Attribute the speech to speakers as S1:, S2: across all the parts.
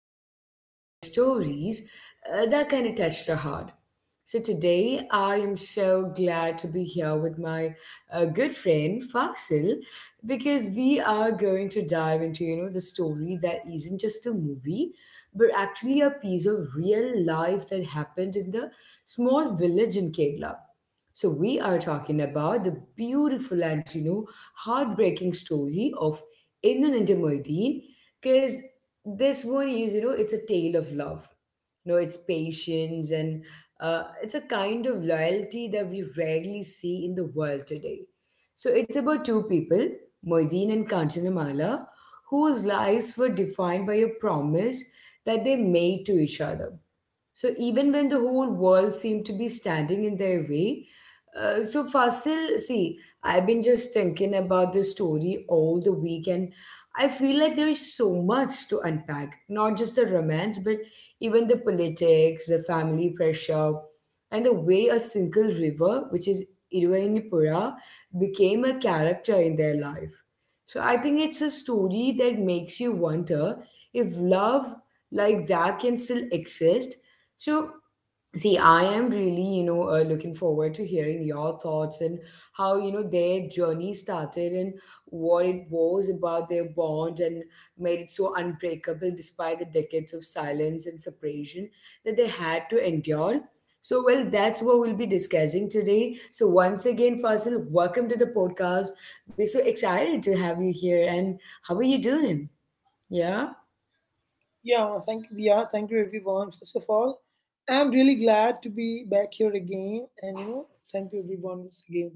S1: talk about stories that kind of touch the heart. So today I am so glad to be here with my good friend Fasil, because we are going to dive into the story that isn't just a movie but actually a piece of real life that happened in the small village in Kerala. So we are talking about the beautiful and heartbreaking story of Inun and Muideen, because this one is, it's a tale of love. It's patience, and it's a kind of loyalty that we rarely see in the world today. So it's about two people, Moideen and Kanchanamala, whose lives were defined by a promise that they made to each other. So even when the whole world seemed to be standing in their way, so Fasil, see, I've been just thinking about this story all the week, and I feel like there is so much to unpack. Not just the romance, but even the politics, the family pressure, and the way a single river, which is Iruvainipura, became a character in their life. So I think it's a story that makes you wonder if love like that can still exist. So, see, I am really, looking forward to hearing your thoughts and how, their journey started, and what it was about their bond and made it so unbreakable despite the decades of silence and separation that they had to endure. So, well, that's what we'll be discussing today. So, once again, Fasil, welcome to the podcast. We're so excited to have you here. And how are you doing? Yeah?
S2: Yeah, thank you, Dia. Thank you, everyone. First of all, I'm really glad to be back here again, and thank you, everyone, once again.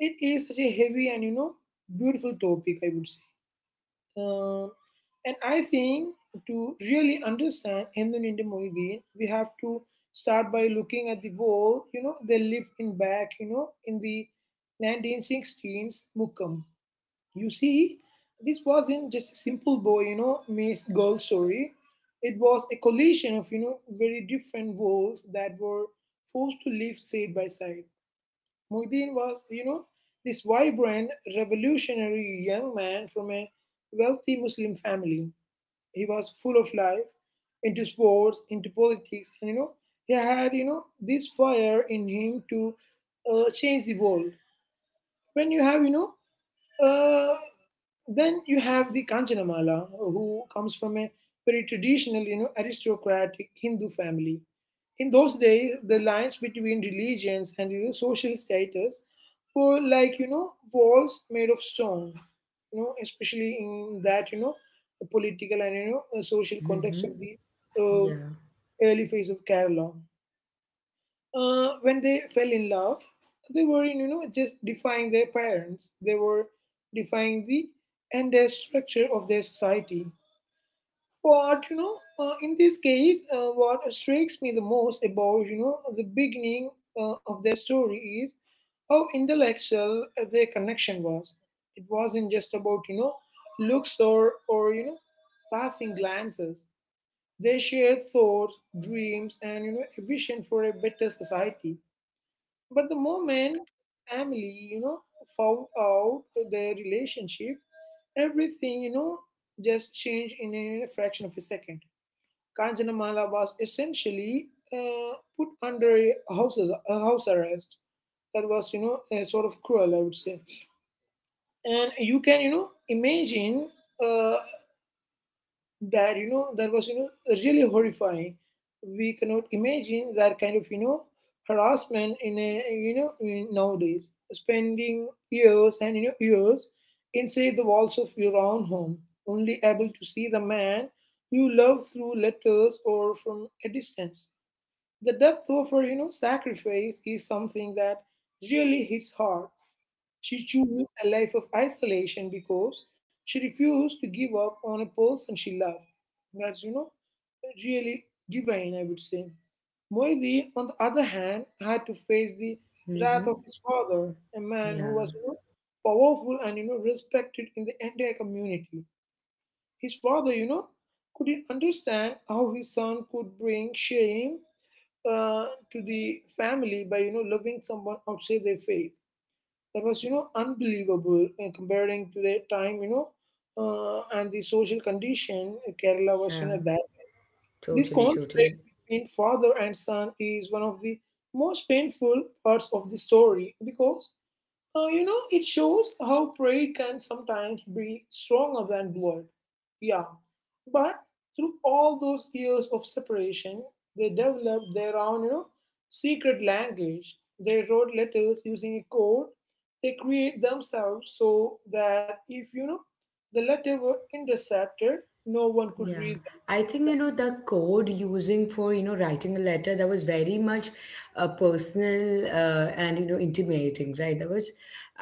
S2: It is such a heavy and beautiful topic, I would say. Um, and I think to really understand Hinduninde Mohideen, we have to start by looking at the wall. They lived in back, in the 1916s Mukkam, you see, this wasn't just a simple boy, meets girl story. It was a collision of very different worlds that were forced to live side by side. Muhyiddin was this vibrant, revolutionary young man from a wealthy Muslim family. He was full of life, into sports, into politics, and he had this fire in him to change the world. When you have, you know, uh, then you have the Kanchanamala, who comes from a very traditional, aristocratic Hindu family. In those days, the lines between religions and social status were like walls made of stone, especially in that political and social context of
S1: Mm-hmm.
S2: the
S1: Yeah.
S2: uh, early phase of Kerala when they fell in love, they were just defying their parents. They were defying the entire structure of their society. But in this case, what strikes me the most about the beginning of their story is how intellectual their connection was. It wasn't just about looks, or passing glances. They shared thoughts, dreams, and a vision for a better society. But the moment family found out their relationship, everything just changed in a fraction of a second. Kanjanamala was essentially put under a house arrest. That was a sort of cruel, I would say. And you can imagine uh, that was really horrifying. We cannot imagine that kind of harassment in nowadays, spending years and years inside the walls of your own home, only able to see the man you love through letters or from a distance. The depth of her sacrifice is something that really hits hard. She chose a life of isolation because she refused to give up on a person she loved. That's really divine, I would say. Moideen, on the other hand, had to face the wrath of
S1: Mm-hmm.
S2: his father, a man who
S1: Yeah.
S2: was powerful and respected in the entire community. His father couldn't understand how his son could bring shame uh, to the family by loving someone outside their faith. That was unbelievable, comparing to the time and the social condition Kerala was you
S1: Yeah.
S2: know that. This
S1: Totally,
S2: conflict
S1: totally.
S2: between father and son is one of the most painful parts of the story because it shows how pride can sometimes be stronger than blood. Yeah. But through all those years of separation, they developed their own secret language. They wrote letters using a code they create themselves so that if the letter were intercepted, no one could
S1: Yeah.
S2: read.
S1: I think, the code using for, writing a letter, that was very much personal and, intimating, right?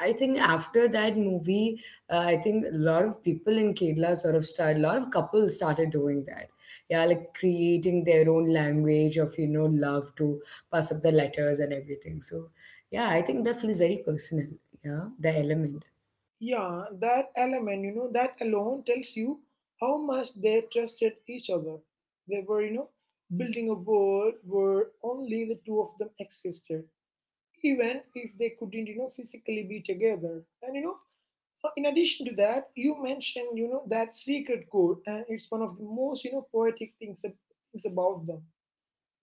S1: I think after that movie, I think a lot of people in Kerala sort of started, a lot of couples started doing that. Yeah, like creating their own language of, love to pass up the letters and everything. So, yeah, I think that feels very personal. Yeah, the element.
S2: Yeah, that element, that alone tells you how much they trusted each other. They were building a world where only the two of them existed, even if they couldn't physically be together. And in addition to that, you mentioned that secret code, and it's one of the most poetic things about them.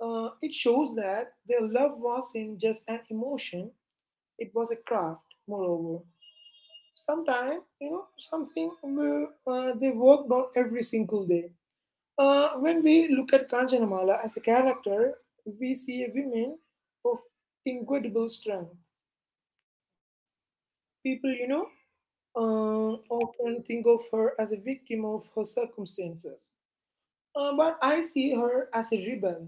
S2: It shows that their love wasn't just an emotion, it was a craft, moreover. Sometimes, something where, they worked on every single day. When we look at Kanchanamala as a character, we see a woman of incredible strength. People often think of her as a victim of her circumstances. But I see her as a rebel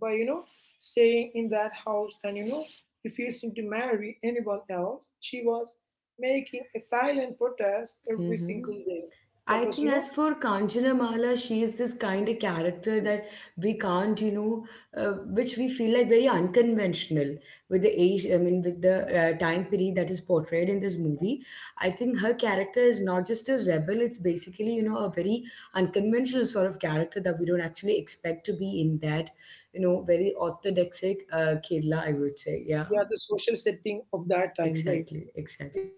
S2: by staying in that house and refusing to marry anyone else. She was making a silent protest every
S1: Mm-hmm.
S2: single day.
S1: I
S2: That was
S1: think
S2: you
S1: as
S2: know
S1: for Kanchana Mala, she is this kind of character that we can't, you know, which we feel like very unconventional with the age. I mean, with the time period that is portrayed in this movie. I think her character is not just a rebel, it's basically, a very unconventional sort of character that we don't actually expect to be in that, very orthodoxic Kerala, I would say. Yeah,
S2: yeah, the social setting of that time, right?
S1: exactly, exactly.
S2: Yeah.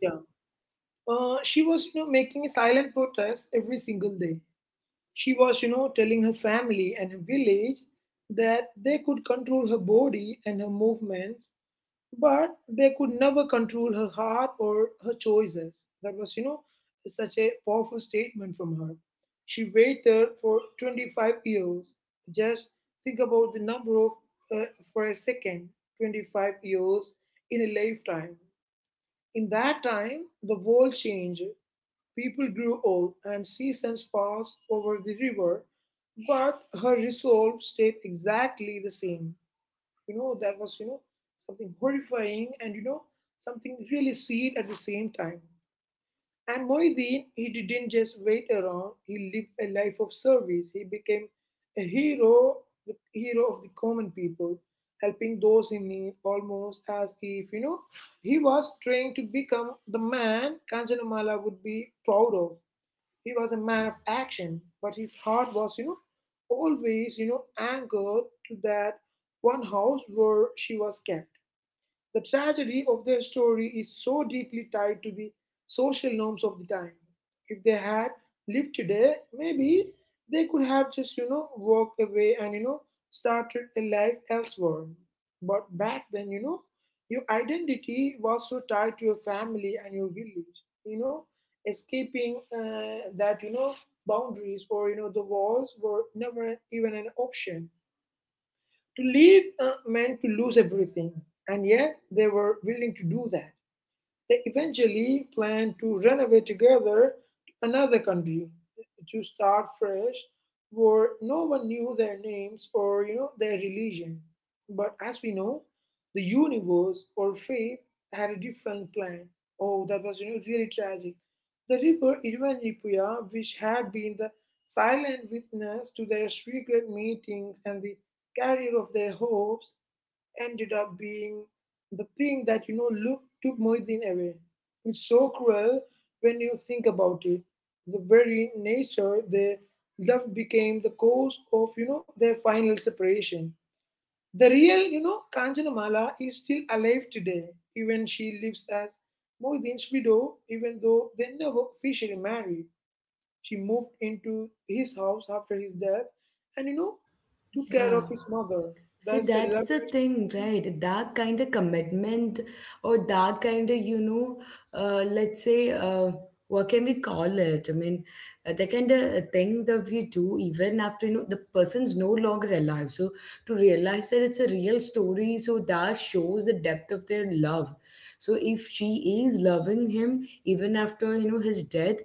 S2: She was making a silent protest every single day. She was telling her family and her village that they could control her body and her movements, but they could never control her heart or her choices. That was such a powerful statement from her. She waited for 25 years. Just think about the number of, uh, for a second, 25 years in a lifetime. In that time, the world changed. People grew old, and seasons passed over the river, but her resolve stayed exactly the same. That was something horrifying and something really sweet at the same time. And Moideen, he didn't just wait around, he lived a life of service. He became a hero, the hero of the common people, helping those in need, almost as if he was trying to become the man Kanchanamala would be proud of. He was a man of action, but his heart was always, you know, anchored to that one house where she was kept. The tragedy of their story is so deeply tied to the social norms of the time. If they had lived today, maybe they could have just walked away and started a life elsewhere. But back then, your identity was so tied to your family and your village. You know, escaping that, boundaries or the walls were never even an option. To leave meant to lose everything, and yet they were willing to do that. They eventually plan to run away together to another country to start fresh where no one knew their names or their religion. But as we know, the universe or faith had a different plan. Oh, that was really tragic. The river Irvanipuya, which had been the silent witness to their secret meetings and the carrier of their hopes, ended up being the thing that you know look took Moisin away. It's so cruel when you think about it. The very nature they loved became the cause of their final separation. The real Kanchanamala is still alive today. Even she lives as Moisin's widow, even though they never officially married. She moved into his house after his death, and took care
S1: Yeah.
S2: of his mother.
S1: See,
S2: That's a
S1: that's the
S2: level.
S1: thing, right? That kind of commitment or that kind of, let's say, what can we call it? I mean, the kind of thing that we do even after, the person's no longer alive. So to realize that it's a real story, so that shows the depth of their love. So if she is loving him even after, his death,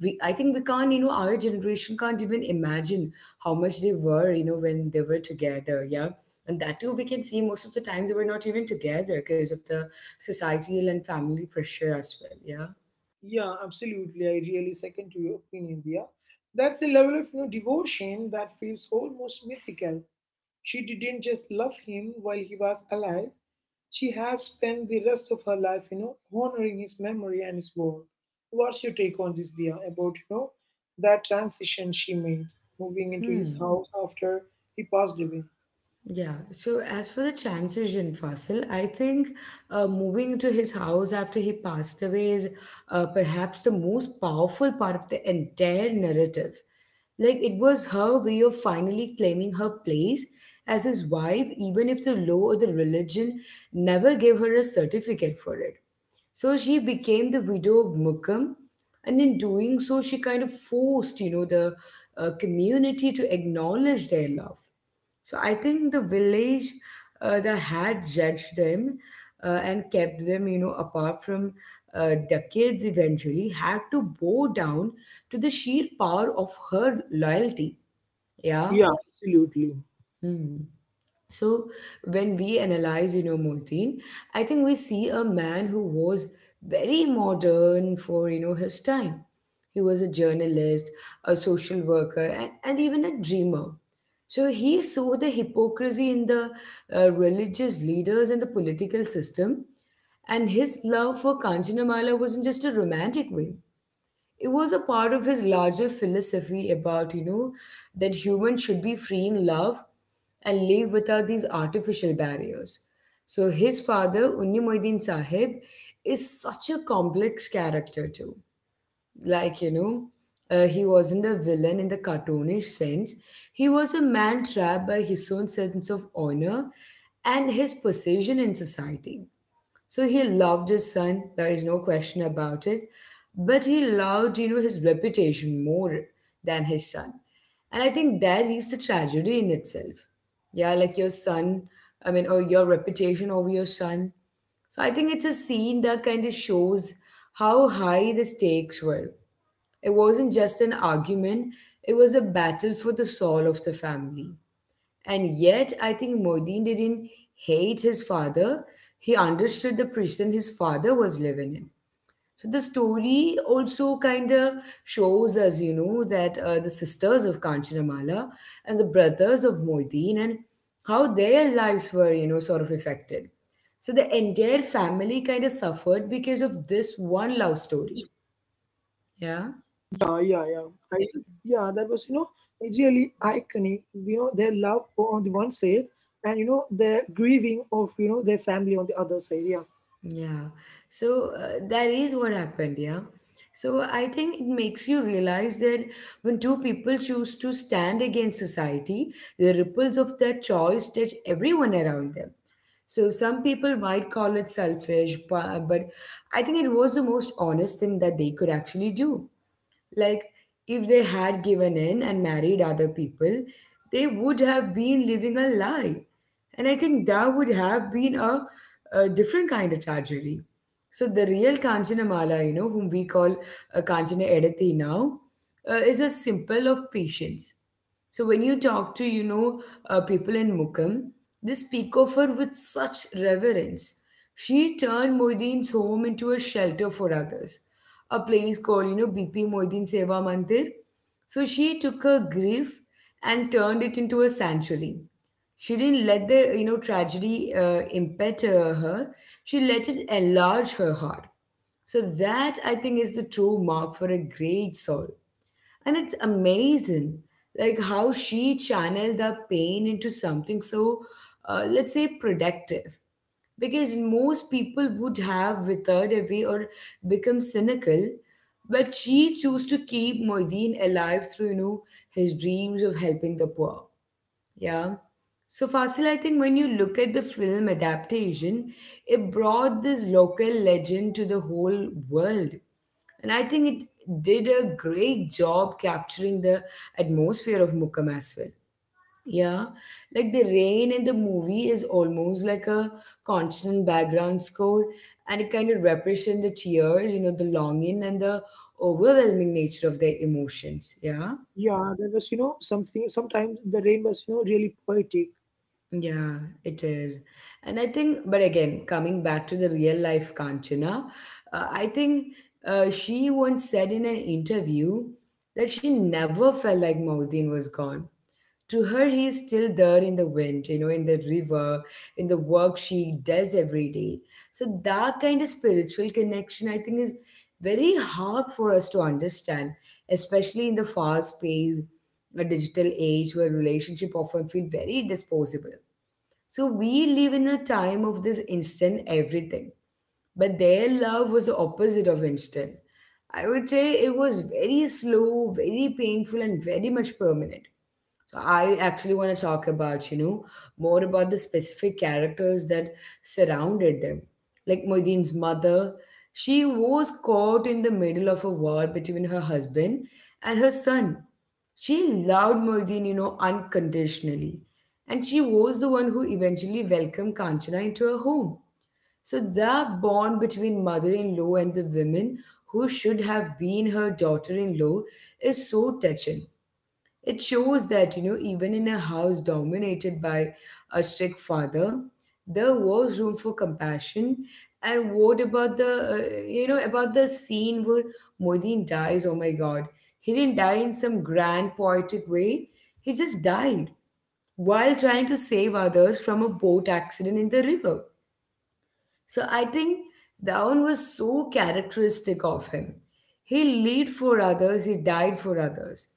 S1: I think we can't, you know, our generation can't even imagine how much they were, when they were together. Yeah, and that too, we can see most of the time they were not even together because of the societal and family pressure as well. Yeah.
S2: Yeah, absolutely. I really second to your opinion, Dia. That's a level of devotion that feels almost mythical. She didn't just love him while he was alive. She has spent the rest of her life, honoring his memory and his work. What's your take on this, Dia, about that transition she made, moving into
S1: Hmm.
S2: his house after he passed away?
S1: Yeah. So as for the chances in Fasil, I think moving to his house after he passed away is perhaps the most powerful part of the entire narrative. Like it was her way of finally claiming her place as his wife, even if the law or the religion never gave her a certificate for it. So she became the widow of Mukkam, and in doing so, she kind of forced, the community to acknowledge their love. So I think the village that had judged them and kept them, apart from decades eventually had to bow down to the sheer power of her loyalty. Yeah.
S2: Yeah, absolutely.
S1: Hmm. So when we analyze, Moiteen, I think we see a man who was very modern for, his time. He was a journalist, a social worker, and even a dreamer. So he saw the hypocrisy in the religious leaders and the political system. And his love for Kanchanamala wasn't just a romantic way, it was a part of his larger philosophy about that humans should be free in love and live without these artificial barriers. So his father, Unnimuddin Sahib, is such a complex character too. like you know he wasn't a villain in the cartoonish sense, he was a man trapped by his own sense of honor and his position in society. So he loved his son, there is no question about it. But he loved, his reputation more than his son. And I think that is the tragedy in itself. Yeah, like your son, I mean, or your reputation over your son. So I think it's a scene that kind of shows how high the stakes were. It wasn't just an argument, it was a battle for the soul of the family. And yet, I think Modin didn't hate his father. He understood the prison his father was living in. So the story also kind of shows us, that the sisters of Kanchanamala and the brothers of Moideen, and how their lives were, sort of affected. So the entire family kind of suffered because of this one love story.
S2: Yeah,
S1: Yeah.
S2: yeah, yeah. I, yeah, that was, you know, it's really iconic. Their love on the one side and their grieving of their family on the other side. Yeah.
S1: Yeah. So that is what happened, yeah. So I think it makes you realize that when two people choose to stand against society, the ripples of that choice touch everyone around them. So some people might call it selfish, but I think it was the most honest thing that they could actually do. Like, if they had given in and married other people, they would have been living a lie. And I think that would have been a different kind of tragedy. So the real Kanchanamala, whom we call Kanchana Edathi now, is a symbol of patience. So when you talk to, people in Mukham, they speak of her with such reverence. She turned Moedin's home into a shelter for others, a place called, BP Moidin Seva Mandir. So she took her grief and turned it into a sanctuary. She didn't let the, tragedy impet her. She let it enlarge her heart. So that, I think, is the true mark for a great soul. And it's amazing like how she channeled the pain into something so let's say productive, because most people would have withered away or become cynical, but she chose to keep Moideen alive through his dreams of helping the poor. Yeah. So Fasil, I think when you look at the film adaptation, it brought this local legend to the whole world, and I think it did a great job capturing the atmosphere of Mukkam as well. Yeah, like the rain in the movie is almost like a constant background score, and it kind of represents the tears, the longing and the overwhelming nature of the emotions. Yeah,
S2: Yeah, that was something. Sometimes the rain was really poetic.
S1: yeah, it is. And I think, but again, coming back to the real life Kanchana, I think she once said in an interview that she never felt like Maudin was gone. To her, he is still there in the wind, in the river, in the work she does every day. So that kind of spiritual connection, I think, is very hard for us to understand, especially in the fast paced digital age where relationship often feel very disposable. So we live in a time of this instant everything, but their love was the opposite of instant. I would say it was very slow, very painful, and very much permanent. I actually want to talk about, more about the specific characters that surrounded them. Like Moedin's mother, she was caught in the middle of a war between her husband and her son. She loved Moedin, unconditionally. And she was the one who eventually welcomed Kanchana into her home. So that bond between mother-in-law and the women who should have been her daughter-in-law is so touching. It shows that, even in a house dominated by a strict father, there was room for compassion. And what about the, about the scene where Modin dies? Oh my God. He didn't die in some grand poetic way. He just died while trying to save others from a boat accident in the river. So I think that one was so characteristic of him. He lived for others, he died for others.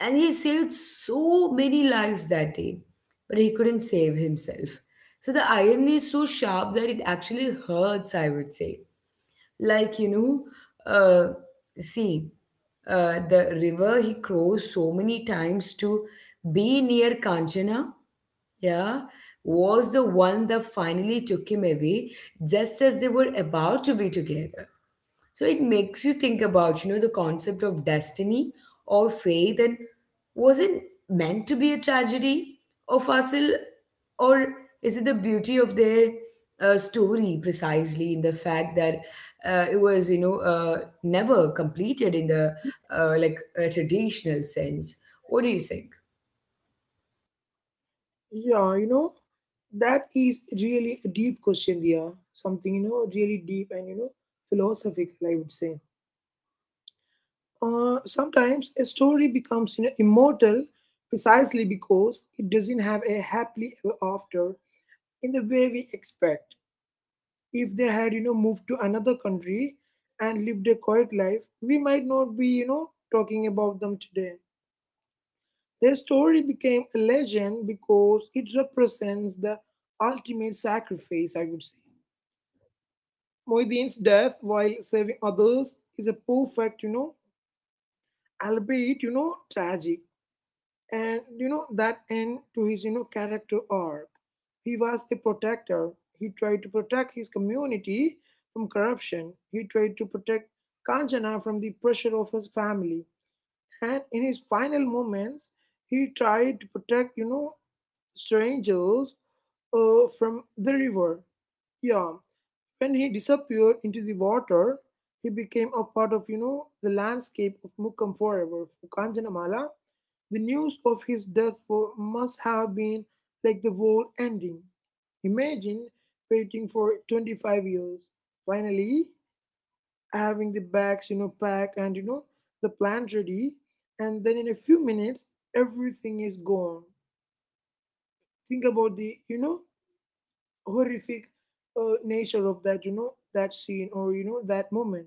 S1: And he saved so many lives that day, but he couldn't save himself. So the irony is so sharp that it actually hurts, I would say. Like, uh, see, the river he crossed so many times to be near Kanchana, yeah, was the one that finally took him away just as they were about to be together. So it makes you think about, the concept of destiny or fate, and was it meant to be a tragedy or fossil, or is it the beauty of their story precisely in the fact that it was, never completed in the like a traditional sense? What do you think?
S2: Yeah, that is really a deep question there. Something really deep and philosophical, I would say. Sometimes a story becomes immortal precisely because it doesn't have a happily ever after in the way we expect. If they had moved to another country and lived a quiet life, we might not be talking about them today. Their story became a legend because it represents the ultimate sacrifice, I would say. Moedin's death while saving others is a perfect, albeit, you know, tragic , and that end to his character arc. He was a protector. He tried to protect his community from corruption. He tried to protect Kanchana from the pressure of his family. And in his final moments, he tried to protect strangers, from the river. Yeah. When he disappeared into the water, he became a part of the landscape of Mukkam forever. For Kanjanamala, the news of his death must have been like the world ending. Imagine waiting for 25 years, finally having the bags packed and the plant ready, and then in a few minutes everything is gone. Think about the horrific nature of that scene or that moment.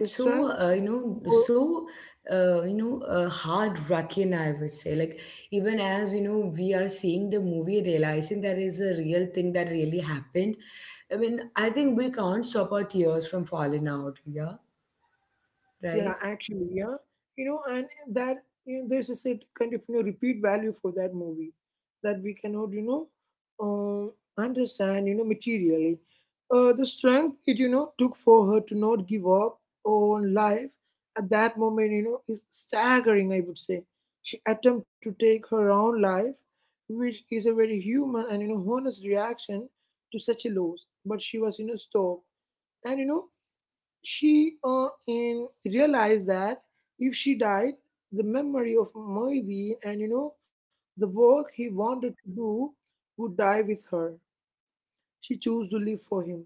S2: The
S1: so,
S2: strength for.
S1: so, heart-wracking, I would say. Like, even as, we are seeing the movie, realizing that is a real thing that really happened. I mean, I think we can't stop our tears from falling out, yeah,
S2: Yeah
S1: right?
S2: actually yeah you know and that you know, There's a set kind of repeat value for that movie that we cannot understand materially the strength it took for her to not give up on life at that moment is staggering, I would say. She attempted to take her own life, which is a very human and honest reaction to such a loss, but she was stopped. And you know she uh, in realized that if she died, the memory of Moideen and the work he wanted to do would die with her. She chose to live for him.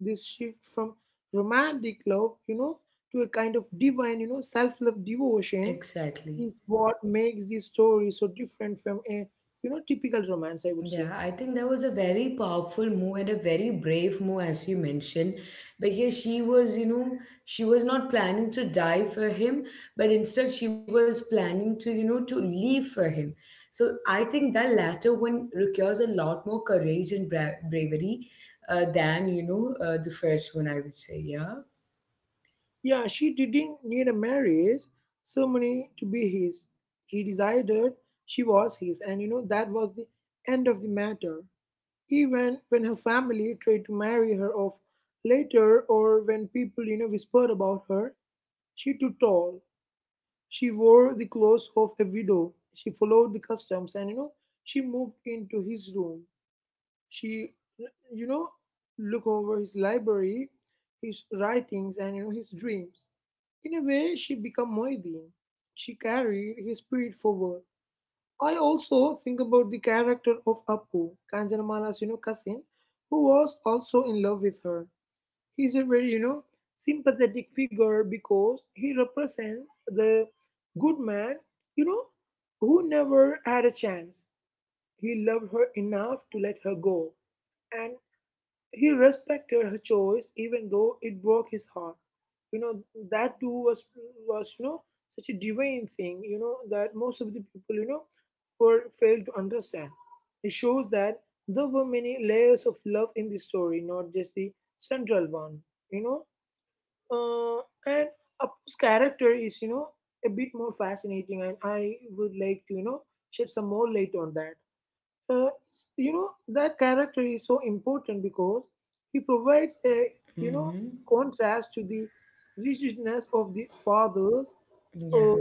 S2: This shift from romantic love, you know, to a kind of divine, you know, self-love devotion
S1: Exactly.
S2: is what makes this story so different from a typical romance, I would
S1: Yeah,
S2: say.
S1: I think that was a very powerful move and a very brave move, as you mentioned, because she was not planning to die for him, but instead she was planning to, leave for him. So I think that latter one requires a lot more courage and bravery than, the first one, I would say. Yeah.
S2: Yeah, she didn't need a marriage ceremony to be his. She decided she was his, and you know, that was the end of the matter. Even when her family tried to marry her off later, or when people, you know, whispered about her, she too tall. She wore the clothes of a widow. She followed the customs, and you know, she moved into his room. She, you know, looked over his library, his writings, and you know, his dreams. In a way, she became Moideen. She carried his spirit forward. I also think about the character of Appu, Kanjanamala's, you know, cousin, who was also in love with her. He's a very, you know, sympathetic figure because he represents the good man, you know, who never had a chance. He loved her enough to let her go. And he respected her choice even though it broke his heart. You know, that too was, you know, such a divine thing, you know, that most of the people, you know, were failed to understand. It shows that there were many layers of love in the story, not just the central one, you know. Uh, and Apu's character is, you know, a bit more fascinating, and I would like to, you know, shed some more light on that. uh, you know, that character is so important because he provides a you know
S1: Mm-hmm.
S2: contrast to the rigidness of the fathers
S1: Yeah.
S2: uh,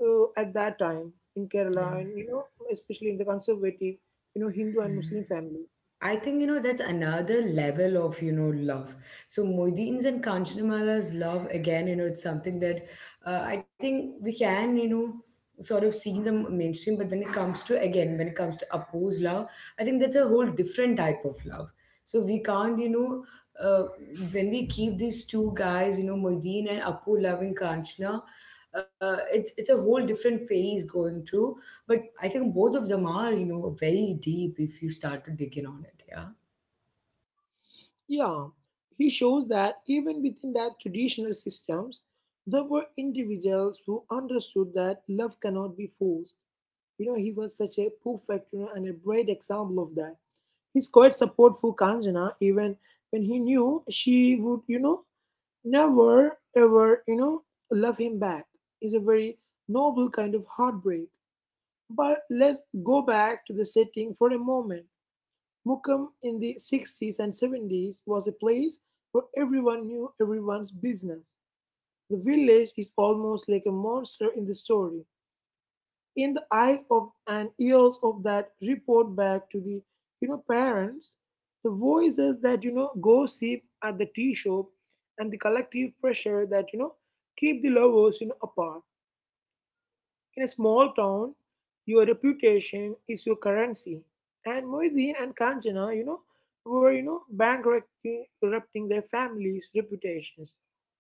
S2: at that time in Kerala,
S1: Yeah.
S2: and you know, especially in the conservative Hindu and
S1: Mm-hmm.
S2: Muslim families.
S1: I think that's another level of love. So Moideen's and Kanchanamala's love again, it's something that I think we can sort of see in the mainstream. But when it comes to Apu's love, I think that's a whole different type of love. So we can't, uh, when we keep these two guys, Moideen and Apu loving Kanchana, it's a whole different phase going through, but I think both of them are, very deep if you start to dig in on it. Yeah.
S2: Yeah, he shows that even within that traditional systems, there were individuals who understood that love cannot be forced. You know, he was such a perfect, you know, and a bright example of that. His quiet support for Kanjana, even when he knew she would, you know, never ever, you know, love him back, is a very noble kind of heartbreak. But let's go back to the setting for a moment. Mukham in the 60s and 70s was a place where everyone knew everyone's business. The village is almost like a monster in the story, in the eyes of and ears of that report back to the parents, the voices that gossip at the tea shop, and the collective pressure that keep the lovers apart. In a small town, your reputation is your currency, and Moisin and Kanchana, you know, were, you know, bankrupting their families reputations,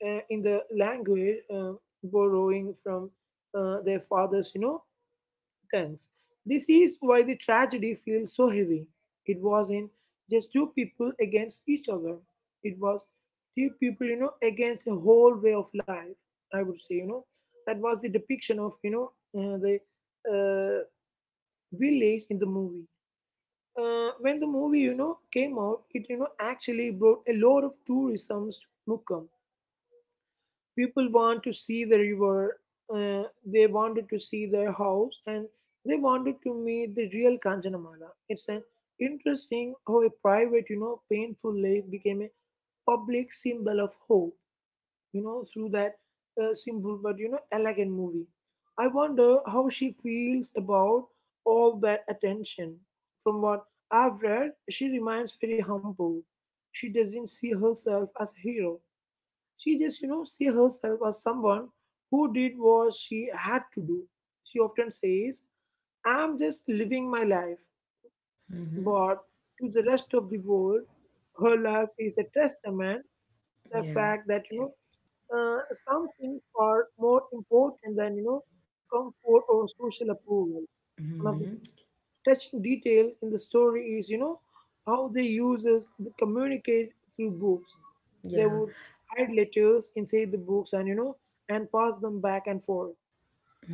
S2: in the language, borrowing from their fathers, you know, gangs. This is why the tragedy feels so heavy. It wasn't just two people against each other. It was two people, you know, against a whole way of life. I would say, you know, that was the depiction of, you know, the uh, village in the movie. When the movie, you know, came out, it, you know, actually brought a lot of tourism to Mukkam. People want to see the river, they wanted to see their house, and they wanted to meet the real Kanchanamala. It's an interesting how a private, you know, painful lake became a public symbol of hope, you know, through that simple but, you know, elegant movie. I wonder how she feels about all that attention. From what I've read, she remains very humble. She doesn't see herself as a hero. She just, you know, see herself as someone who did what she had to do. She often says, I'm just living my life. But
S1: Mm-hmm.
S2: to the rest of the world, her life is a testament to the
S1: Yeah.
S2: fact that, you know, some things are more important than, you know, comfort or social approval. One of the
S1: Mm-hmm.
S2: touching details in the story is, you know, how they uses the communicate through books. They
S1: Yeah.
S2: would hide letters inside the books, and you know, and pass them back and forth.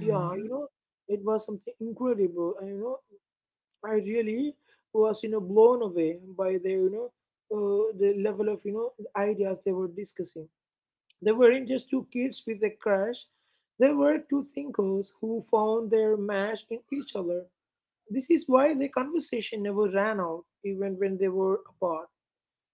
S2: Yeah, you know, it was something incredible. And you know, I really was, you know, blown away by the the level of the ideas they were discussing. They weren't just two kids with a crush. They were two thinkers who found their match in each other. This is why the conversation never ran out, even when they were apart.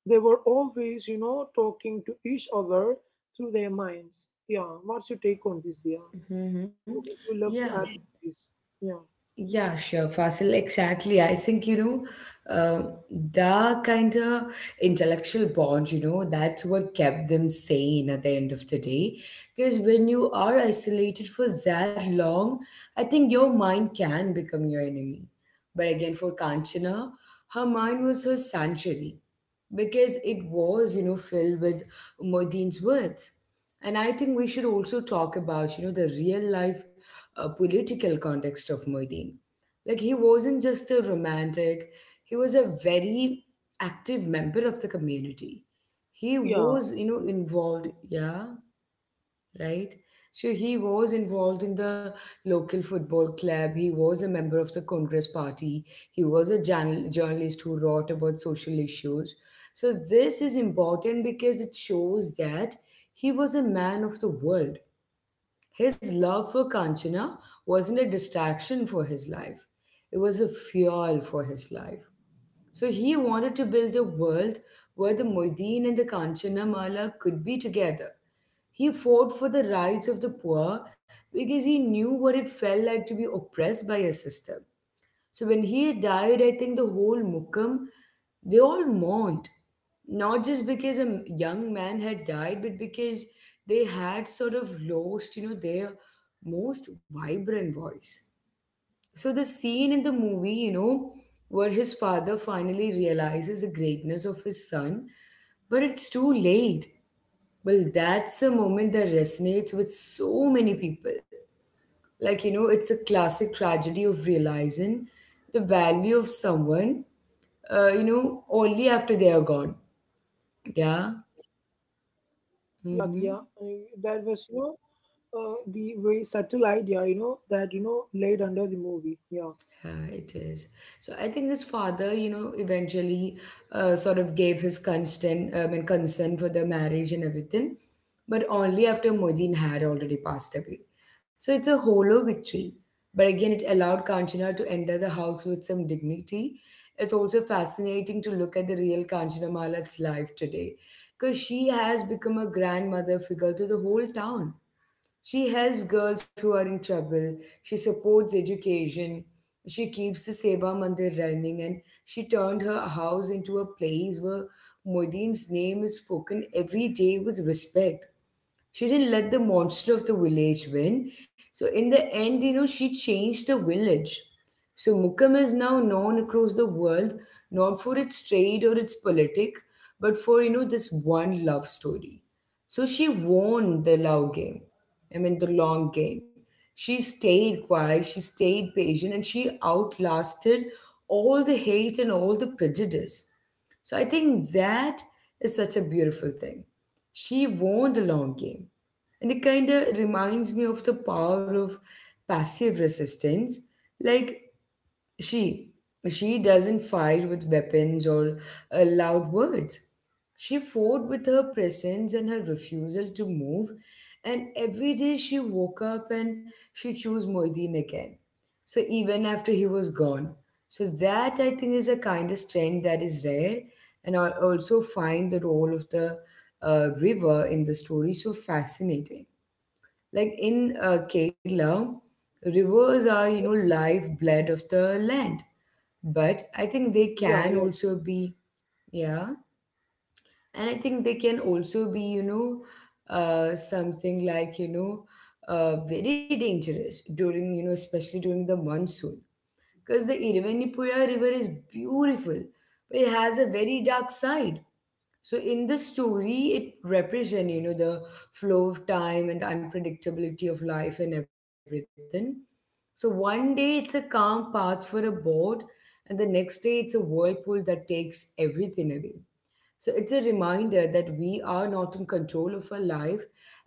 S2: They were always, you know, talking to each other through their minds. Yeah, what's your take on this, Dia?
S1: Mm-hmm.
S2: What would you
S1: Yeah.
S2: love to add to this? Yeah,
S1: Yeah, sure, Fasil. Exactly. I think, the kind of intellectual bond, that's what kept them sane at the end of the day. Because when you are isolated for that long, I think your mind can become your enemy. But again, for Kanchana, her mind was her sanctuary because it was, filled with Modine's words. And I think we should also talk about, the real life a political context of Muhyiddin. Like, he wasn't just a romantic, he was a very active member of the community. He
S2: yeah,
S1: was,
S2: absolutely.
S1: involved, yeah, right? So he was involved in the local football club. He was a member of the Congress party. He was a journalist who wrote about social issues. So this is important because it shows that he was a man of the world. His love for Kanchana wasn't a distraction for his life, it was a fuel for his life. So he wanted to build a world where the Moideen and the Kanchana Mala could be together. He fought for the rights of the poor because he knew what it felt like to be oppressed by a system. So when he died, I think the whole Mukkam, they all mourned. Not just because a young man had died, but because they had sort of lost, their most vibrant voice. So the scene in the movie, where his father finally realizes the greatness of his son, but it's too late. Well, that's a moment that resonates with so many people. Like, it's a classic tragedy of realizing the value of someone, only after they are gone. Yeah.
S2: Yeah, Dia,
S1: Mm-hmm.
S2: that was, you know, the very subtle idea, you know, that, you know, laid under the movie. Yeah,
S1: Yeah, it is. So I think his father, eventually sort of gave his consent, and consent for the marriage and everything, but only after Modin had already passed away. So it's a hollow victory. But again, it allowed Kanchana to enter the house with some dignity. It's also fascinating to look at the real Kanchana Malat's life today, because she has become a grandmother figure to the whole town. She helps girls who are in trouble. She supports education. She keeps the Seva Mandir running, and she turned her house into a place where Modine's name is spoken every day with respect. She didn't let the monster of the village win. So in the end, she changed the village. So Mukkam is now known across the world, not for its trade or its politic, but for, this one love story. So she won the love game. I mean, the long game. She stayed quiet, she stayed patient, and she outlasted all the hate and all the prejudice. So I think that is such a beautiful thing. She won the long game. And it kind of reminds me of the power of passive resistance. Like, she, she doesn't fight with weapons or loud words. She fought with her presence and her refusal to move. And every day she woke up, and she chose Moideen again. So even after he was gone. So that, I think, is a kind of strength that is rare. And I also find the role of the river in the story so fascinating. Like, in Kerala, rivers are, lifeblood of the land. But I
S2: yeah,
S1: think
S2: yeah,
S1: they can also be, yeah, and I think they can also be, something like, very dangerous during, especially during the monsoon. Because the Irvanipura River is beautiful, but it has a very dark side. So in the story, it represents, the flow of time and the unpredictability of life and everything. So one day it's a calm path for a boat, and the next day it's a whirlpool that takes everything away. So it's a reminder that we are not in control of our life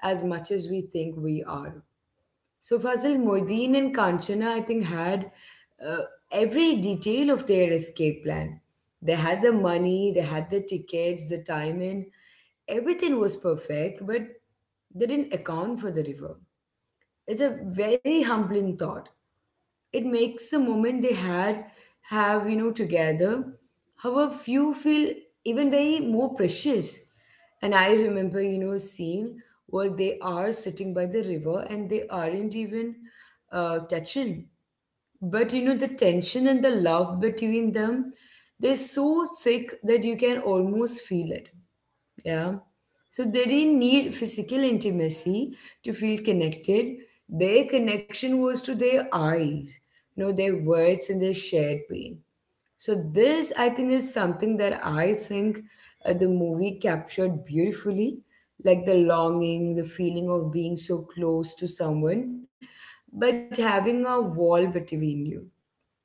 S1: as much as we think we are. So Fazil, Moideen and Kanchana, I think, had uh, every detail of their escape plan. They had the money, they had the tickets, the timing, everything was perfect, but they didn't account for the river. It's a very humbling thought. It makes a moment they had have, together, how a few feel even very more precious. And I remember, seeing where they are sitting by the river, and they aren't even touching, but the tension and the love between them, they're so thick that you can almost feel it. Yeah. So they didn't need physical intimacy to feel connected. Their connection was to their eyes, their words, and their shared pain. So this, I think, is something that I think the movie captured beautifully, like the longing, the feeling of being so close to someone, but having a wall between you.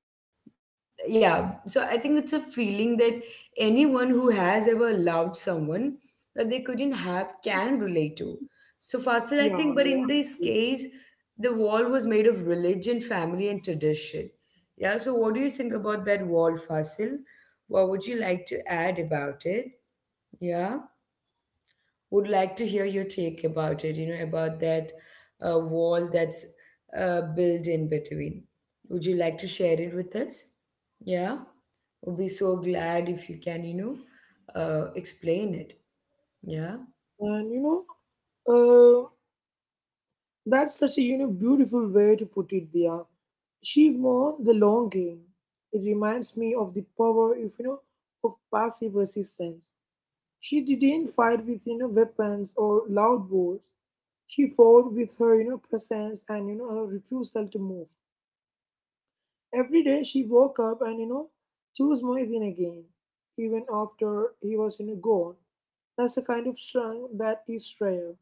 S1: Yeah. So I think it's a feeling that anyone who has ever loved someone that they couldn't have can relate to. So, Fasil, I think, but in
S2: yeah,
S1: this
S2: yeah.
S1: case, the wall was made of religion, family, and tradition. Yeah. So what do you think about that wall, Fasil? What would you like to add about it? Yeah, would like to hear your take about it, about that wall that's built in between. Would you like to share it with us? Yeah, we'll be so glad if you can, explain it. Yeah.
S2: And, you know, uh, That's such a, you know, beautiful way to put it, Dia. She won the long game. It reminds me of the power of, you know, of passive resistance. She didn't fight with, you know, weapons or loud words. She fought with her, you know, presence and, you know, her refusal to move. Every day she woke up and, you know, chose Moisin again, even after he was, you know, gone. That's a kind of strength that is rare.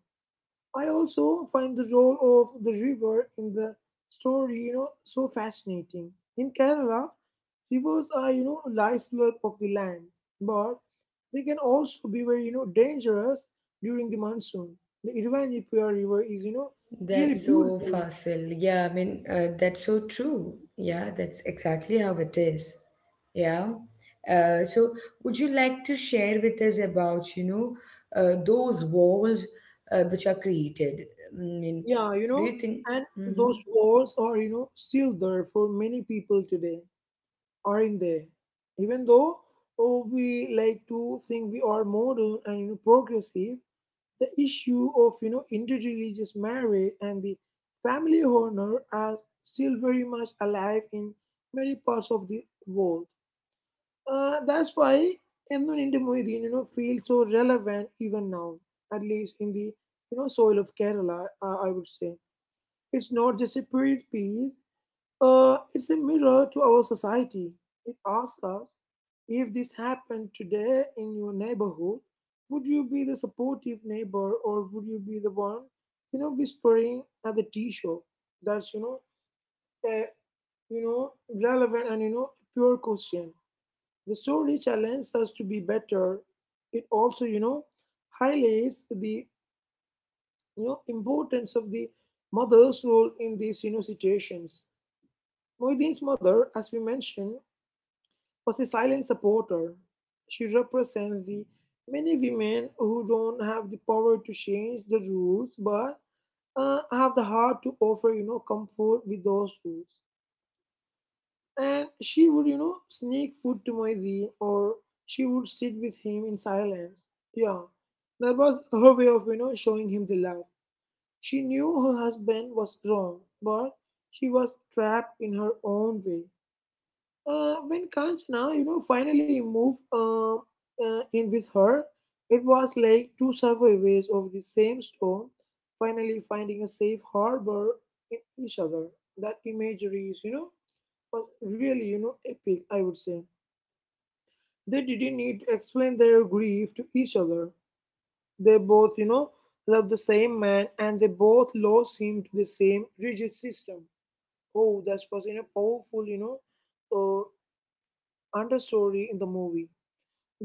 S2: I also find the role of the river in the story, you know, so fascinating. In Kerala, rivers are, you know, lifeblood of the land, but they can also be very, you know, dangerous during the monsoon. The Irvanipura River is, you know, really
S1: That's so
S2: beautiful.
S1: facile. Yeah, I mean, that's so true. Yeah, that's exactly how it is. Yeah. So, would you like to share with us about, those walls which are created? I mean,
S2: Yeah, you
S1: do
S2: know,
S1: you think?
S2: and those
S1: Mm-hmm.
S2: walls are, you know, still there for many people today, are not they? Even though oh, we like to think we are modern and you know, progressive, the issue of, you know, interreligious marriage and the family honor are still very much alive in many parts of the world. That's why Emnon India Muhyiddin, you know, feels so relevant even now, at least in the, you know, soil of Kerala. I would say it's not just a period piece; it's a mirror to our society. It asks us, if this happened today in your neighborhood, would you be the supportive neighbor, or would you be the one, you know, whispering at the tea shop? That's, you know, a, you know, relevant and, you know, pure question. The story challenges us to be better. It also, you know, highlights the, you know, importance of the mother's role in these, you know, situations. Moeddin's mother, as we mentioned, was a silent supporter. She represents the many women who don't have the power to change the rules but have the heart to offer, you know, comfort with those rules. And she would, you know, sneak food to Moizi, or she would sit with him in silence. Yeah, that was her way of, you know, showing him the love. She knew her husband was wrong, but she was trapped in her own way. When Kanchana, you know, finally moved in with her, it was like two survivors of the same storm finally finding a safe harbor in each other. That imagery is, you know, was really, you know, epic, I would say. They didn't need to explain their grief to each other. They both, you know, loved the same man, and they both lost him to the same rigid system. Oh, that was, you know, powerful, you know, understory in the movie.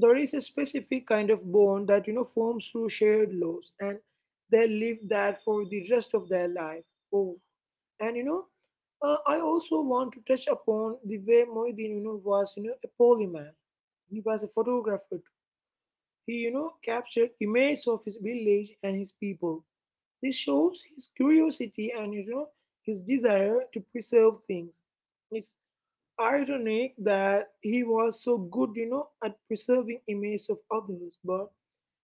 S2: There is a specific kind of bond that, you know, forms through shared loss, and they live that for the rest of their life. Oh, and you know, I also want to touch upon the way Moedin, you know, was, you know, a polyman. He was a photographer too. He, you know, captured images of his village and his people. This shows his curiosity and, you know, his desire to preserve things. It's ironic that he was so good, you know, at preserving images of others, but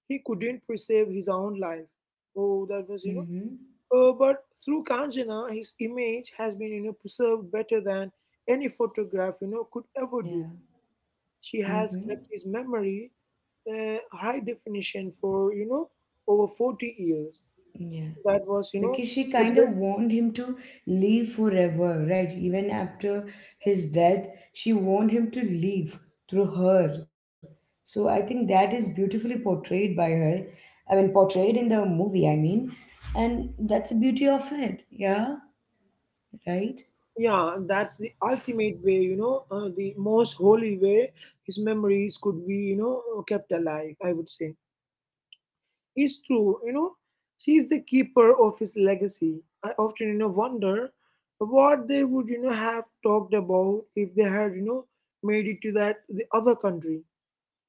S2: he couldn't preserve his own life. Oh, that was, you know.
S1: Mm-hmm.
S2: But through Kanjana, his image has been, you know, preserved better than any photograph, you know, could ever do.
S1: Yeah.
S2: She has
S1: Mm-hmm.
S2: kept his memory, high definition for, you know, over 40 years.
S1: Yeah.
S2: That was,
S1: Because she
S2: the
S1: kind of
S2: best.
S1: warned him to leave forever, right? Even after his death, she warned him to leave through her. So I think that is beautifully portrayed by her. I mean, portrayed in the movie, I mean. And that's the beauty of it. Yeah, right?
S2: Yeah, that's the ultimate way, the most holy way his memories could be, kept alive, I would say. Is true. You know, she is the keeper of his legacy. I often, wonder what they would, have talked about if they had, made it to that the other country.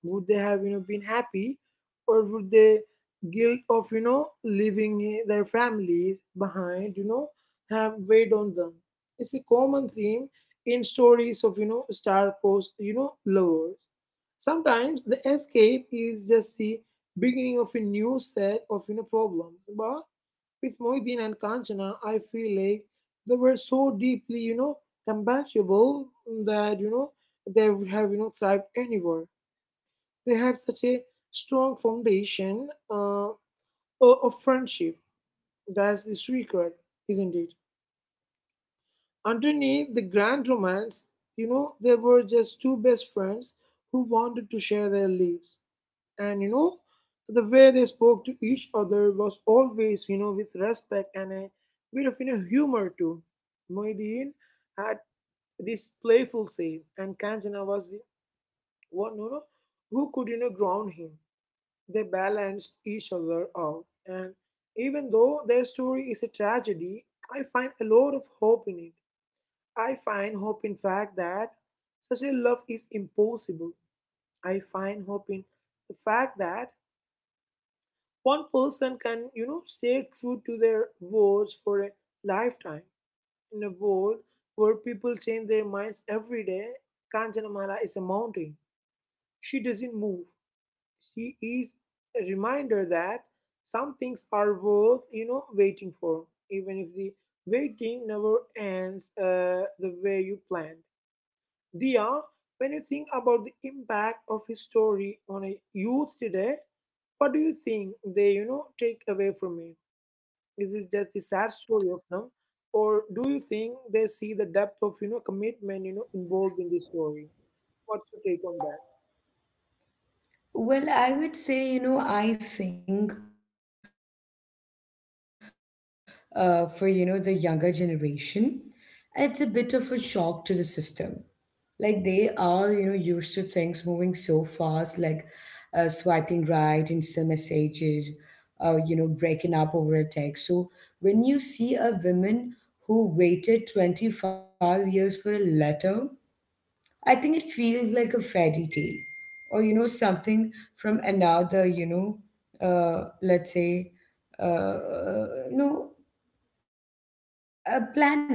S2: Would they have, been happy, or would they guilt of, leaving their families behind, have weighed on them? It's a common theme in stories of, star-crossed, lovers. Sometimes the escape is just the beginning of a new set of, problems. But with Moideen and Kanchana, I feel like they were so deeply, compatible that, they would have, thrived anywhere. They had such a strong foundation of friendship. That's the secret, isn't it? Underneath the grand romance, they were just two best friends who wanted to share their lives. And, the way they spoke to each other was always, with respect and a bit of, humor too. Moideen had this playful side, and Kanchana was the one, who could, ground him. They balance each other out, and even though their story is a tragedy, I find a lot of hope in it. I find hope in fact that such a love is impossible. I find hope in the fact that one person can, stay true to their words for a lifetime. In a world where people change their minds every day, Kanchanamala is a mountain. She doesn't move. She is a reminder that some things are worth, waiting for, even if the waiting never ends the way you planned. Dia, when you think about the impact of his story on a youth today, what do you think they, take away from it? Is this just the sad story of them, or do you think they see the depth of, commitment, involved in this story? What's your take on that?
S1: Well, I would say, I think for, the younger generation, it's a bit of a shock to the system. Like, they are used to things moving so fast, like swiping right, instant messages, breaking up over a text. So when you see a woman who waited 25 years for a letter, I think it feels like a fairy tale, or something from another let's say, uh, no, a planet.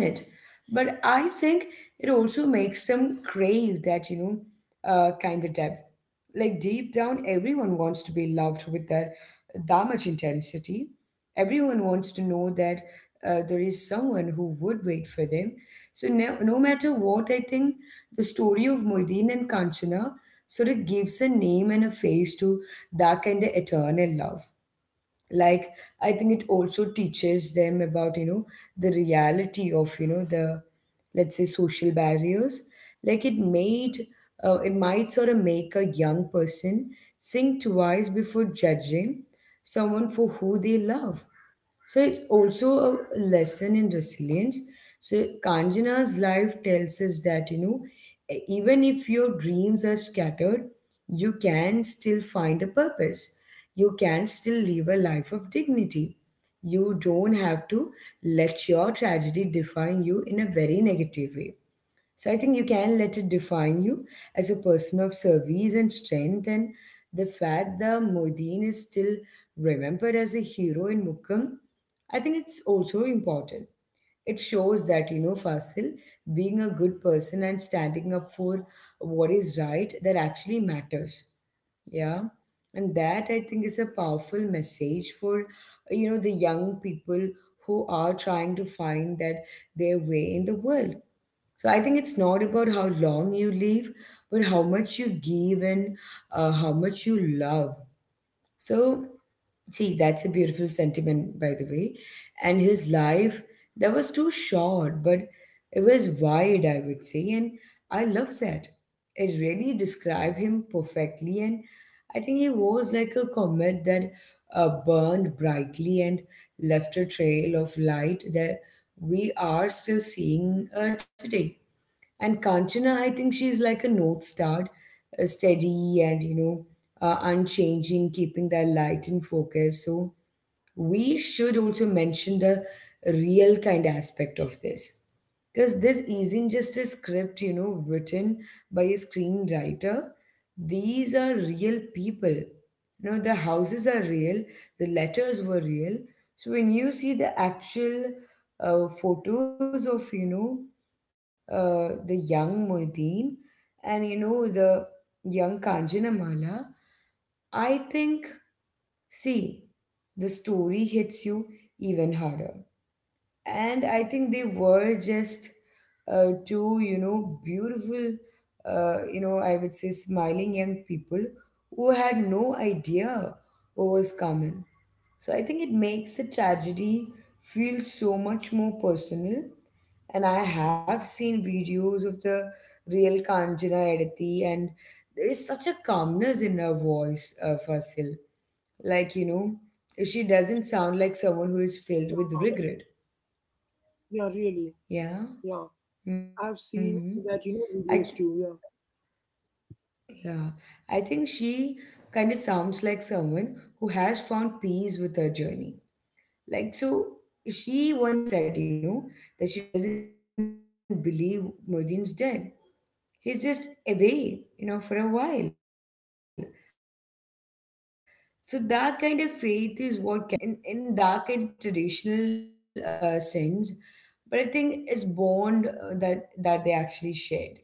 S1: But I think it also makes them crave that, kind of depth. Like, deep down, everyone wants to be loved with that much intensity. Everyone wants to know that there is someone who would wait for them. So no, no matter what, I think the story of Moideen and Kanchana sort of gives a name and a face to that kind of eternal love. Like i think it also teaches them about the reality of, you know, the, let's say, social barriers. like it made it might sort of make a young person think twice before judging someone for who they love. So it's also a lesson in resilience. So Kanjana's life tells us that, you know, even if your dreams are scattered, you can still find a purpose. You can still live a life of dignity. You don't have to let your tragedy define you in a very negative way. So I think you can let it define you as a person of service and strength, and the fact that Modin is still remembered as a hero in Mukkam, I think it's also important. It shows that, you know, Fasil, being a good person and standing up for what is right, that actually matters. Yeah, and that, I think, is a powerful message for, you know, the young people who are trying to find that their way in the world. So I think it's not about how long you live, but how much you give and how much you love. So, see, that's a beautiful sentiment, by the way. And his life, that was too short, but it was wide, I would say. And I love that. It really described him perfectly. And I think he was like a comet that burned brightly and left a trail of light that we are still seeing today. And Kanchana, I think she's like a north star, steady and, you know, unchanging, keeping that light in focus. So we should also mention the real kind aspect of this, because this isn't just a script, you know, written by a screenwriter. These are real people, you know. The houses are real, the letters were real. So when you see the actual photos of, you know, the young Muideen and, you know, the young Kanjana Mala, I think see, the story hits you even harder. And I think they were just two, you know, beautiful, I would say, smiling young people who had no idea what was coming. So I think it makes the tragedy feel so much more personal. And I have seen videos of the real Kanjana Edathi, and there is such a calmness in her voice, Fasil, like, you know, she doesn't sound like someone who is
S2: Yeah,
S1: filled with regret.
S2: yeah really. Yeah.
S1: Yeah.
S2: I've
S1: Mm-hmm.
S2: seen that,
S1: I th-
S2: videos too. Yeah,
S1: yeah, I think she kind of sounds like someone who has found peace with her journey. Like, so, she once said, you know, that she doesn't believe Mudin's dead. He's just away, you know, for a while. So that kind of faith is what kept her going. It's not a religious faith. It's a in, in that kind of traditional sense, but I think it's bond that they actually shared.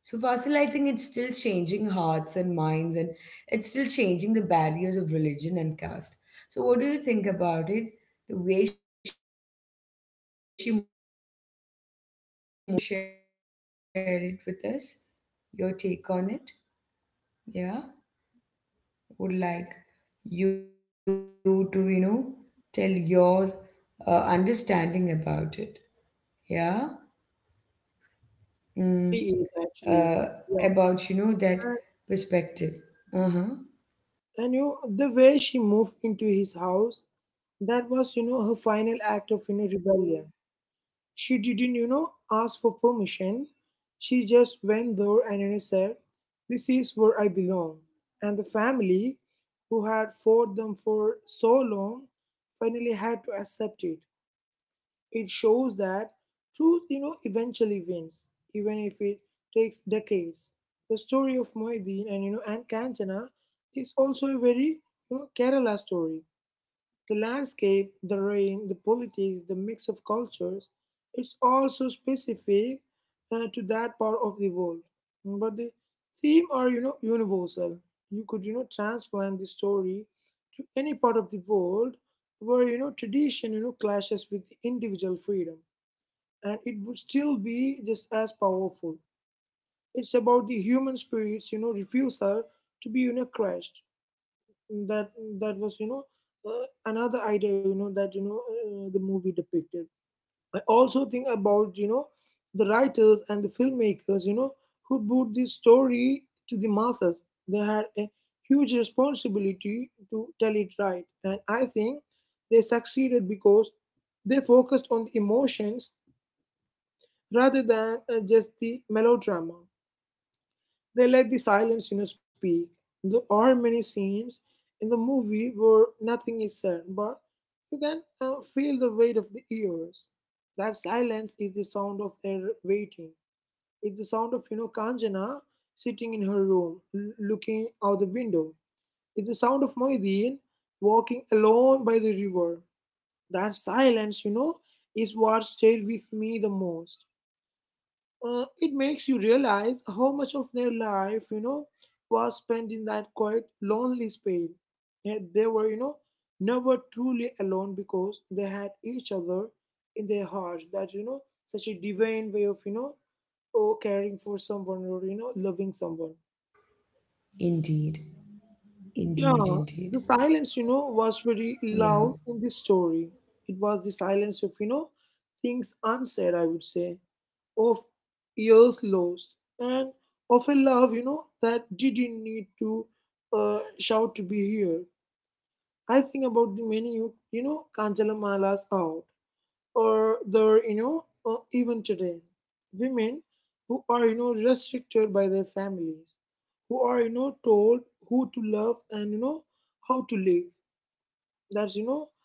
S1: So Fasil, I think it's still changing hearts and minds, and it's still changing the barriers of religion and caste. So what do you think about it? The way she moved into her in his house and everything. Would you like to share it with us? Your take on it? Yeah, would like you to, you know, tell your understanding about it. Yeah. Mm,
S2: really is actually.
S1: uh,
S2: Yeah,
S1: about, you know, that
S2: and,
S1: perspective. Uh huh.
S2: and the way she moved into his house, that was, her final act of, rebellion. She didn't, ask for permission. She just went there and, said, "This is where I belong." And the family, who had fought them for so long, finally had to accept it. It shows that truth, eventually wins, even if it takes decades. The story of Moedin and Kanchana is also a very Kerala story. The landscape, the rain, the politics, the mix of cultures, it's all so specific to that part of the world. But the theme are, universal. You could, transplant the story to any part of the world where, tradition, clashes with the individual freedom. And it would still be just as powerful. It's about the human spirit's, refusal to be, crushed. That that was you know uh, Another idea you know that you know the movie depicted. I also think about the writers and the filmmakers who brought this story to the masses. They had a huge responsibility to tell it right, and I think they succeeded because they focused on the emotions rather than just the melodrama. They let the silence, speak. There are many scenes in the movie where nothing is said, but you can feel the weight of the ears. That silence is the sound of their waiting. It's the sound of, Kanjana sitting in her room, looking out the window. It's the sound of Moideen walking alone by the river. That silence, is what stayed with me the most. It makes you realize how much of their life, was spent in that quiet, lonely space. Yeah, they were, never truly alone because they had each other in their hearts. That such a divine way of, caring for someone or loving someone.
S1: Indeed.
S2: Yeah, the
S1: Indeed.
S2: silence,
S1: Indeed.
S2: was very loud in this
S1: Yeah.
S2: story. It was the silence of, things unsaid. I would say of years lost, and of a love, that didn't need to shout to be here. I think about the many, Kanchalamala's out, or the, even today, women who are, restricted by their families, who are, told who to love and, how to live. That's, you know,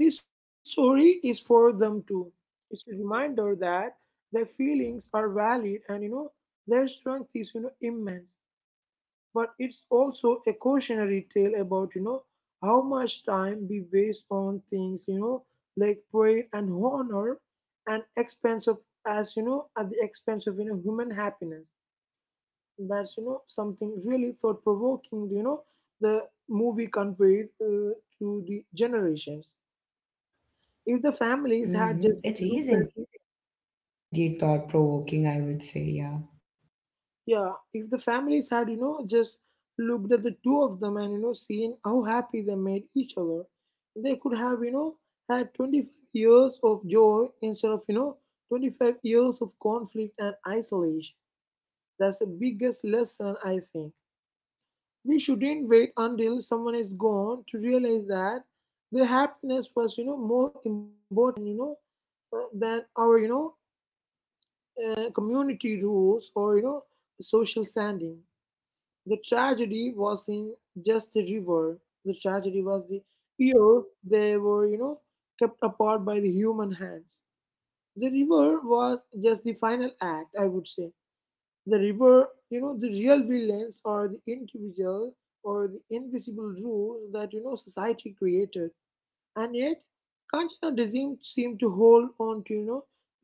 S2: and this story is for them too. It's a reminder that their feelings are valid and, their strength is, immense. But it's also a cautionary tale about, how much time we waste on things, like pride and honor and expense of, at the expense of, human happiness. That's, something really thought provoking, the movie conveyed to the generations if the families had just looked at.
S1: Mm-hmm. It is indeed thought provoking, I would say. Yeah.
S2: Yeah, if the families had just looked at the two of them and seen how happy they made each other, they could have had 25 years of joy instead of 25 years of conflict and isolation. That's the biggest lesson. I think we shouldn't wait until someone is gone to realize that their happiness was more important than our community rules or social standing. The tragedy was in just the river. The tragedy was the earth. They were kept apart by the human hands. The river was just the final act, I would say. The river, the real villains are the individual or the invisible rules that society created, and yet Kanchana doesn't seem to hold on to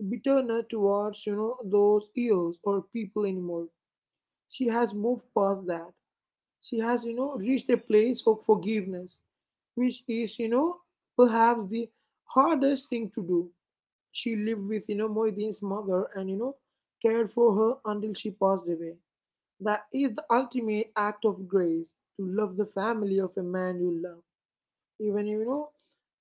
S2: bitterness towards those years or people anymore. She has moved past that. She has reached a place of forgiveness, which is perhaps the hardest thing to do. She lived with Moideen's mother and cared for her until she passed away. That is the ultimate act of grace, to love the family of a man you love, even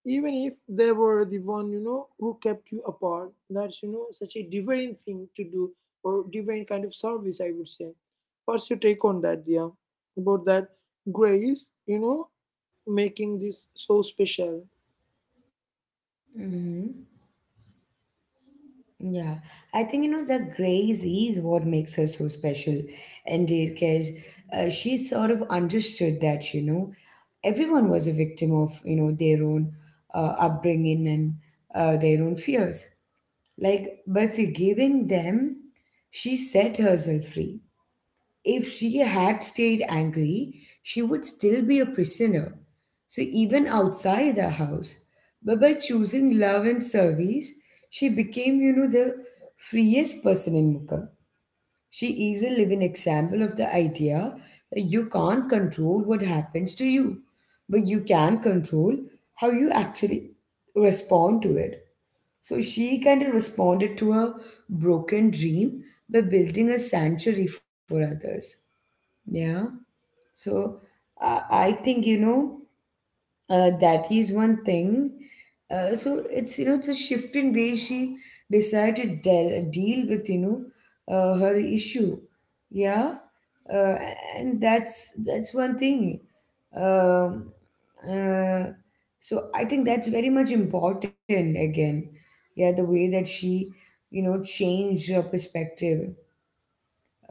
S2: even if they were the one who kept you apart. That's such a divine thing to do, or divine kind of service, I would say. What's your take on that? Yeah, about that grace, making this so special.
S1: Mm-hmm. Yeah, I think, you know, the grace is what makes her so special, indeed, because she sort of understood that, you know, everyone was a victim of, you know, their own upbringing and their own fears. Like, by forgiving them, she set herself free. If she had stayed angry, she would still be a prisoner. So, even outside the house, but by choosing love and service, she became, you know, the freest person in Mukkam. She is a living example of the idea that you can't control what happens to you, but you can control how you actually respond to it. So she kind of responded to her broken dream by building a sanctuary for others. Yeah. So I think, that is one thing. So it's, you know, it's a shift in way she decided to deal with, you know, her issue. Yeah. Uh, and that's one thing. Um, uh, so I think that's very much important again. Yeah. The way that she, you know, changed her perspective,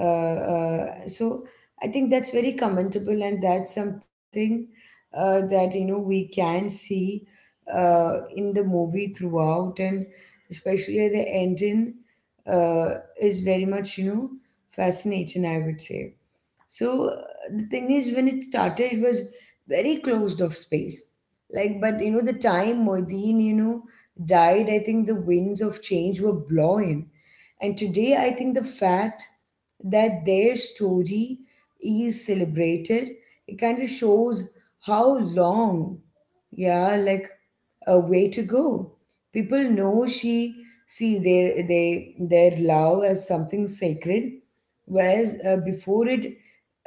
S1: so I think that's very commendable, and that's something that, you know, we can see in the movie throughout, and especially at the ending is very much, you know, fascinating, I would say. So the thing is, when it started, it was very closed off space. Like, but, you know, the time Moideen, you know, died, I think the winds of change were blowing. And today, I think the fact that their story is celebrated, it kind of shows how long, yeah, like a way to go. People know she see their they their love as something sacred, whereas before it,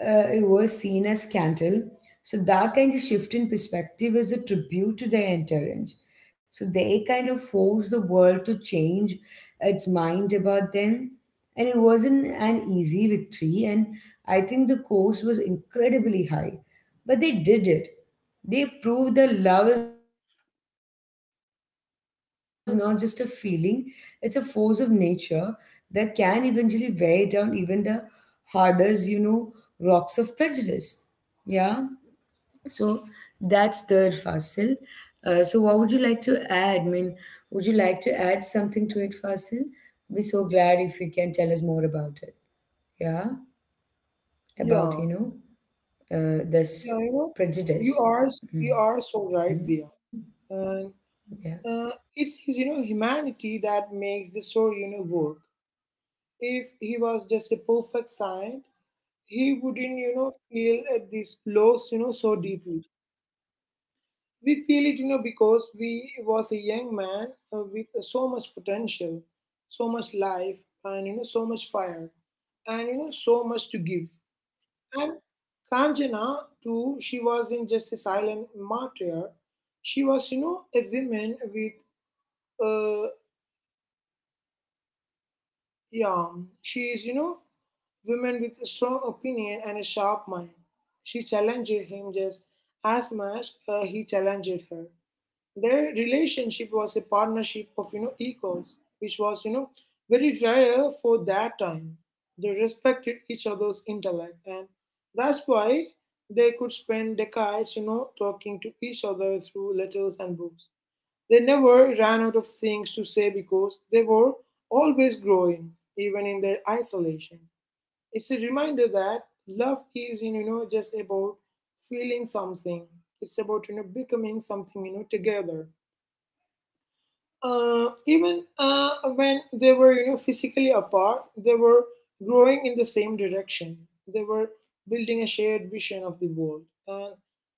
S1: it was seen as scandal. So that kind of shift in perspective is a tribute to their endurance. So they kind of forced the world to change its mind about them, and it wasn't an easy victory. And I think the cost was incredibly high, but they did it. They proved that love is not just a feeling; it's a force of nature that can eventually weigh down even the hardest, you know, rocks of prejudice. Yeah. So that's third Fasil. So what would you like to add? I mean, would you like to add something to it, Fasil? Be so glad if you can tell us more about it. Yeah, about, you know,
S2: Yeah,
S1: this
S2: yeah,
S1: prejudice. Mm-hmm.
S2: you are you are so
S1: Yeah.
S2: right there. And uh, it's his humanity that makes the story work. If he was just a perfect saint, he wouldn't, feel this loss, so deeply. We feel it, because we was a young man with so much potential, so much life, and so much fire, and so much to give. And Kanjana too, she wasn't just a silent martyr. She was, you know, a woman with, uh, yeah, she is, women with strong opinion and a sharp mind. She challenged him just as much he challenged her. Their relationship was a partnership of equals, which was very rare for that time. They respected each other's intellect, and that's why they could spend decades talking to each other through letters and books. They never ran out of things to say because they were always growing, even in their isolation. It's a reminder that love isn't just about feeling something. It's about becoming something together. Even when they were physically apart, they were growing in the same direction. They were building a shared vision of the world, and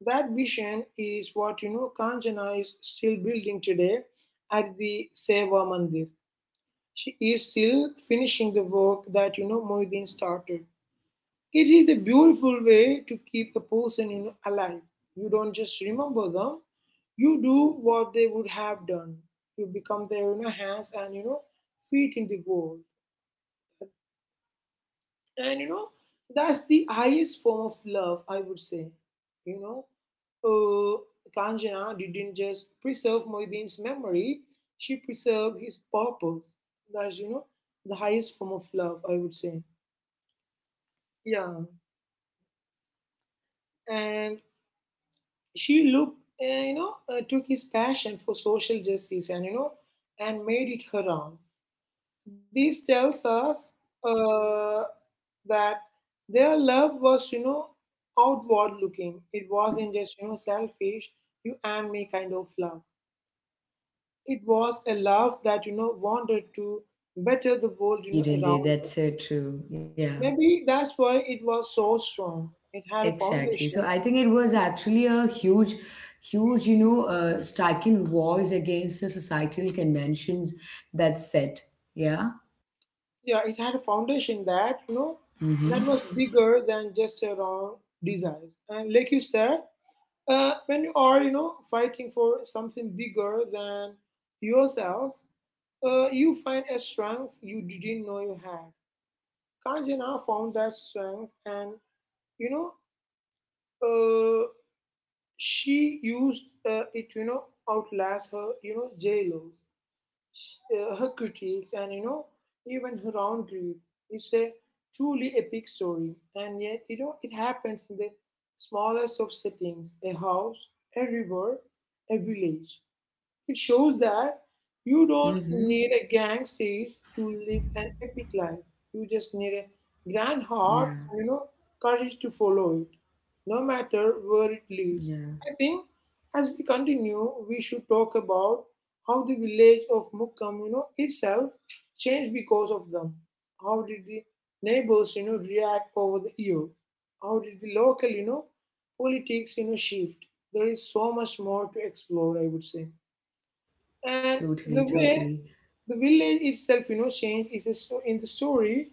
S2: that vision is what Kanchana is still building today at the Seva Mandir. She is still finishing the work that Moideen started. It is a beautiful way to keep a person, alive. You don't just remember them, you do what they would have done. You become their, hands and feet in the world. And that's the highest form of love, I would say. You know, uh, Kanjana didn't just preserve Moeddin's memory, she preserved his purpose. That's, the highest form of love, I would say. Yeah. And she looked, took his passion for social justice and, made it her own. This tells us uh, that their love was,
S1: Mm-hmm.
S2: outward looking. It wasn't just, selfish, you and me kind of love. It was a love that, wanted to better the world,
S1: Indeed,
S2: around
S1: indeed,
S2: her.
S1: that's so true. Yeah.
S2: Maybe that's why it was so strong. It had a
S1: Exactly. So
S2: foundation.
S1: I think it was actually a huge, huge, you know, striking voice against the societal conventions that set. Yeah.
S2: Yeah, it had a foundation that, that was
S1: Mm-hmm.
S2: bigger than just a around desires. And like you said, when you are, fighting for something bigger than yourself, you find a strength you didn't know you had. Kanjana found that strength and, you know, uh, she used it, outlast her, jailers. Her critics, and even her own grief. It's a truly epic story, and yet it happens in the smallest of settings: a house, a river, a village. It shows that you don't
S1: Mm-hmm.
S2: need a gang stage to live an epic life. You just need a grand heart
S1: Yeah.
S2: and courage to follow it, no matter where it leads.
S1: Yeah.
S2: I think as we continue, we should talk about how the village of Mukkam, itself changed because of them. How did the neighbors, react over the year? How did the local, politics, shift? There is so much more to explore, I would say. And
S1: Totally.
S2: the way
S1: Totally.
S2: the village itself, changed is a in the story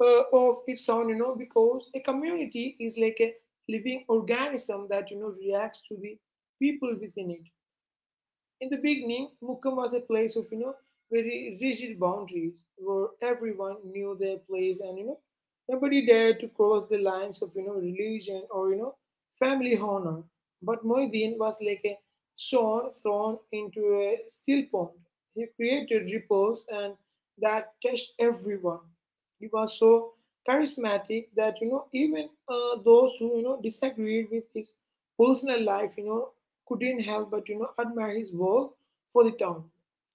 S2: of its own, because a community is like a living organism that, reacts to the people within it. In the beginning, Mukkam was a place of, very rigid boundaries where everyone knew their place and, nobody dared to cross the lines of, religion or, family honor. But Moideen was like a stone thrown into a still pond. He created ripples and that touched everyone. He was so charismatic that, even those who, disagreed with his personal life, couldn't help but admire his work for the town.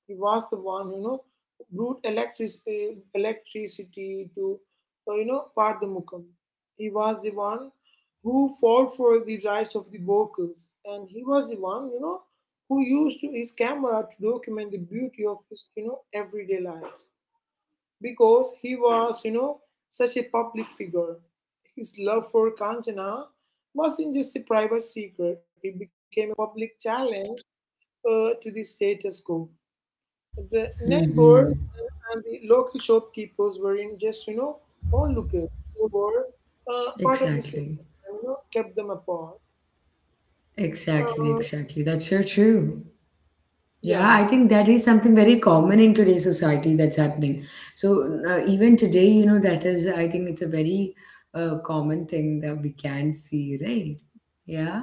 S2: He was the one brought electricity to part the Mukam. He was the one who fought for the rights of the workers, and he was the one who used his camera to document the beauty of his everyday lives because he was such a public figure. His love for Kanchana wasn't just a private secret; it became a public challenge to the status quo. The
S1: Mm-hmm.
S2: neighbors and the local shopkeepers were in just, onlookers. They were part of the system
S1: Exactly.
S2: and, kept them apart.
S1: Exactly.
S2: Uh,
S1: Exactly. That's so true. Yeah, I
S2: yeah,
S1: think that is something very common in today's society that's happening. So even today, you know, I think it's a very common thing that we can see, right? Yeah.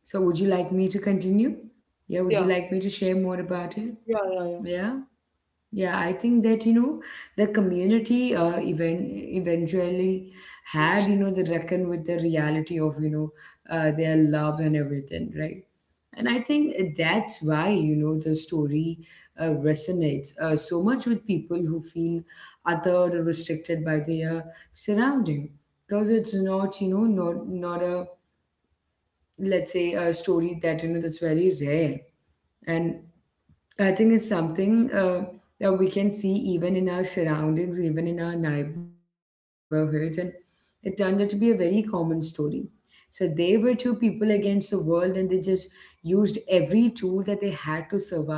S1: So would you like me to continue? Yeah, would you
S2: yeah,
S1: like me to share more about it? Yeah.
S2: yeah.
S1: Yeah, I think that, you know, the community even eventually had, you know, the reckon with the reality of, you know, their love and everything, right? And I think that's why, you know, the story resonates so much with people who feel othered or restricted by their surrounding. Because it's not, you know, not, not a, let's say, a story that, you know, that's very rare. And I think it's something that we can see even in our surroundings, even in our neighborhoods, and it turned out to be a very common story. So they were two people against the world, and they just used every tool that they had to survive. And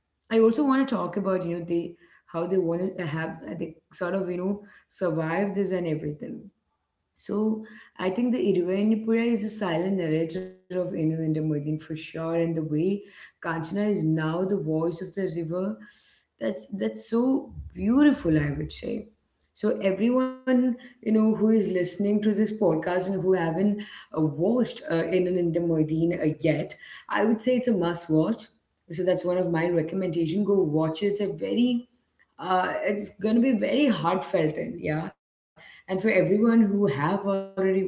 S1: I also want to talk about, you know, they how they want to have they sort of, you know, survive this and everything. So I think the Irvainipura is a silent narrator of Inalanda Moidin for sure, and the way Kanchana is now the voice of the river, that's so beautiful, I would say. So everyone, you know, who is listening to this podcast and who haven't watched Inalanda Moidin yet, I would say it's a must watch. So that's one of my recommendation. Go watch it. It's a very it's going to be very heartfelt. And yeah, and for everyone who have already watched,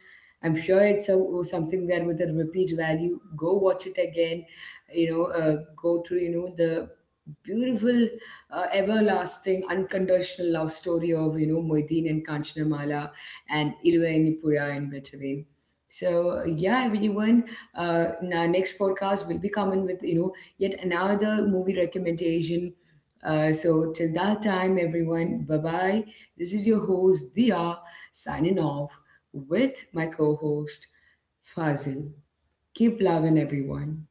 S1: I'm sure it's a, something that with a repeat value. Go watch it again, you know. Go through, you know, the beautiful everlasting unconditional love story of, you know, Moideen and Kanchanamala and Irvainipura in between. So yeah, everyone, in our next podcast will be coming with, you know, yet another movie recommendation. So till that time, everyone, bye bye. This is your host Dia, signing off with my co-host Fazil. Keep loving, everyone.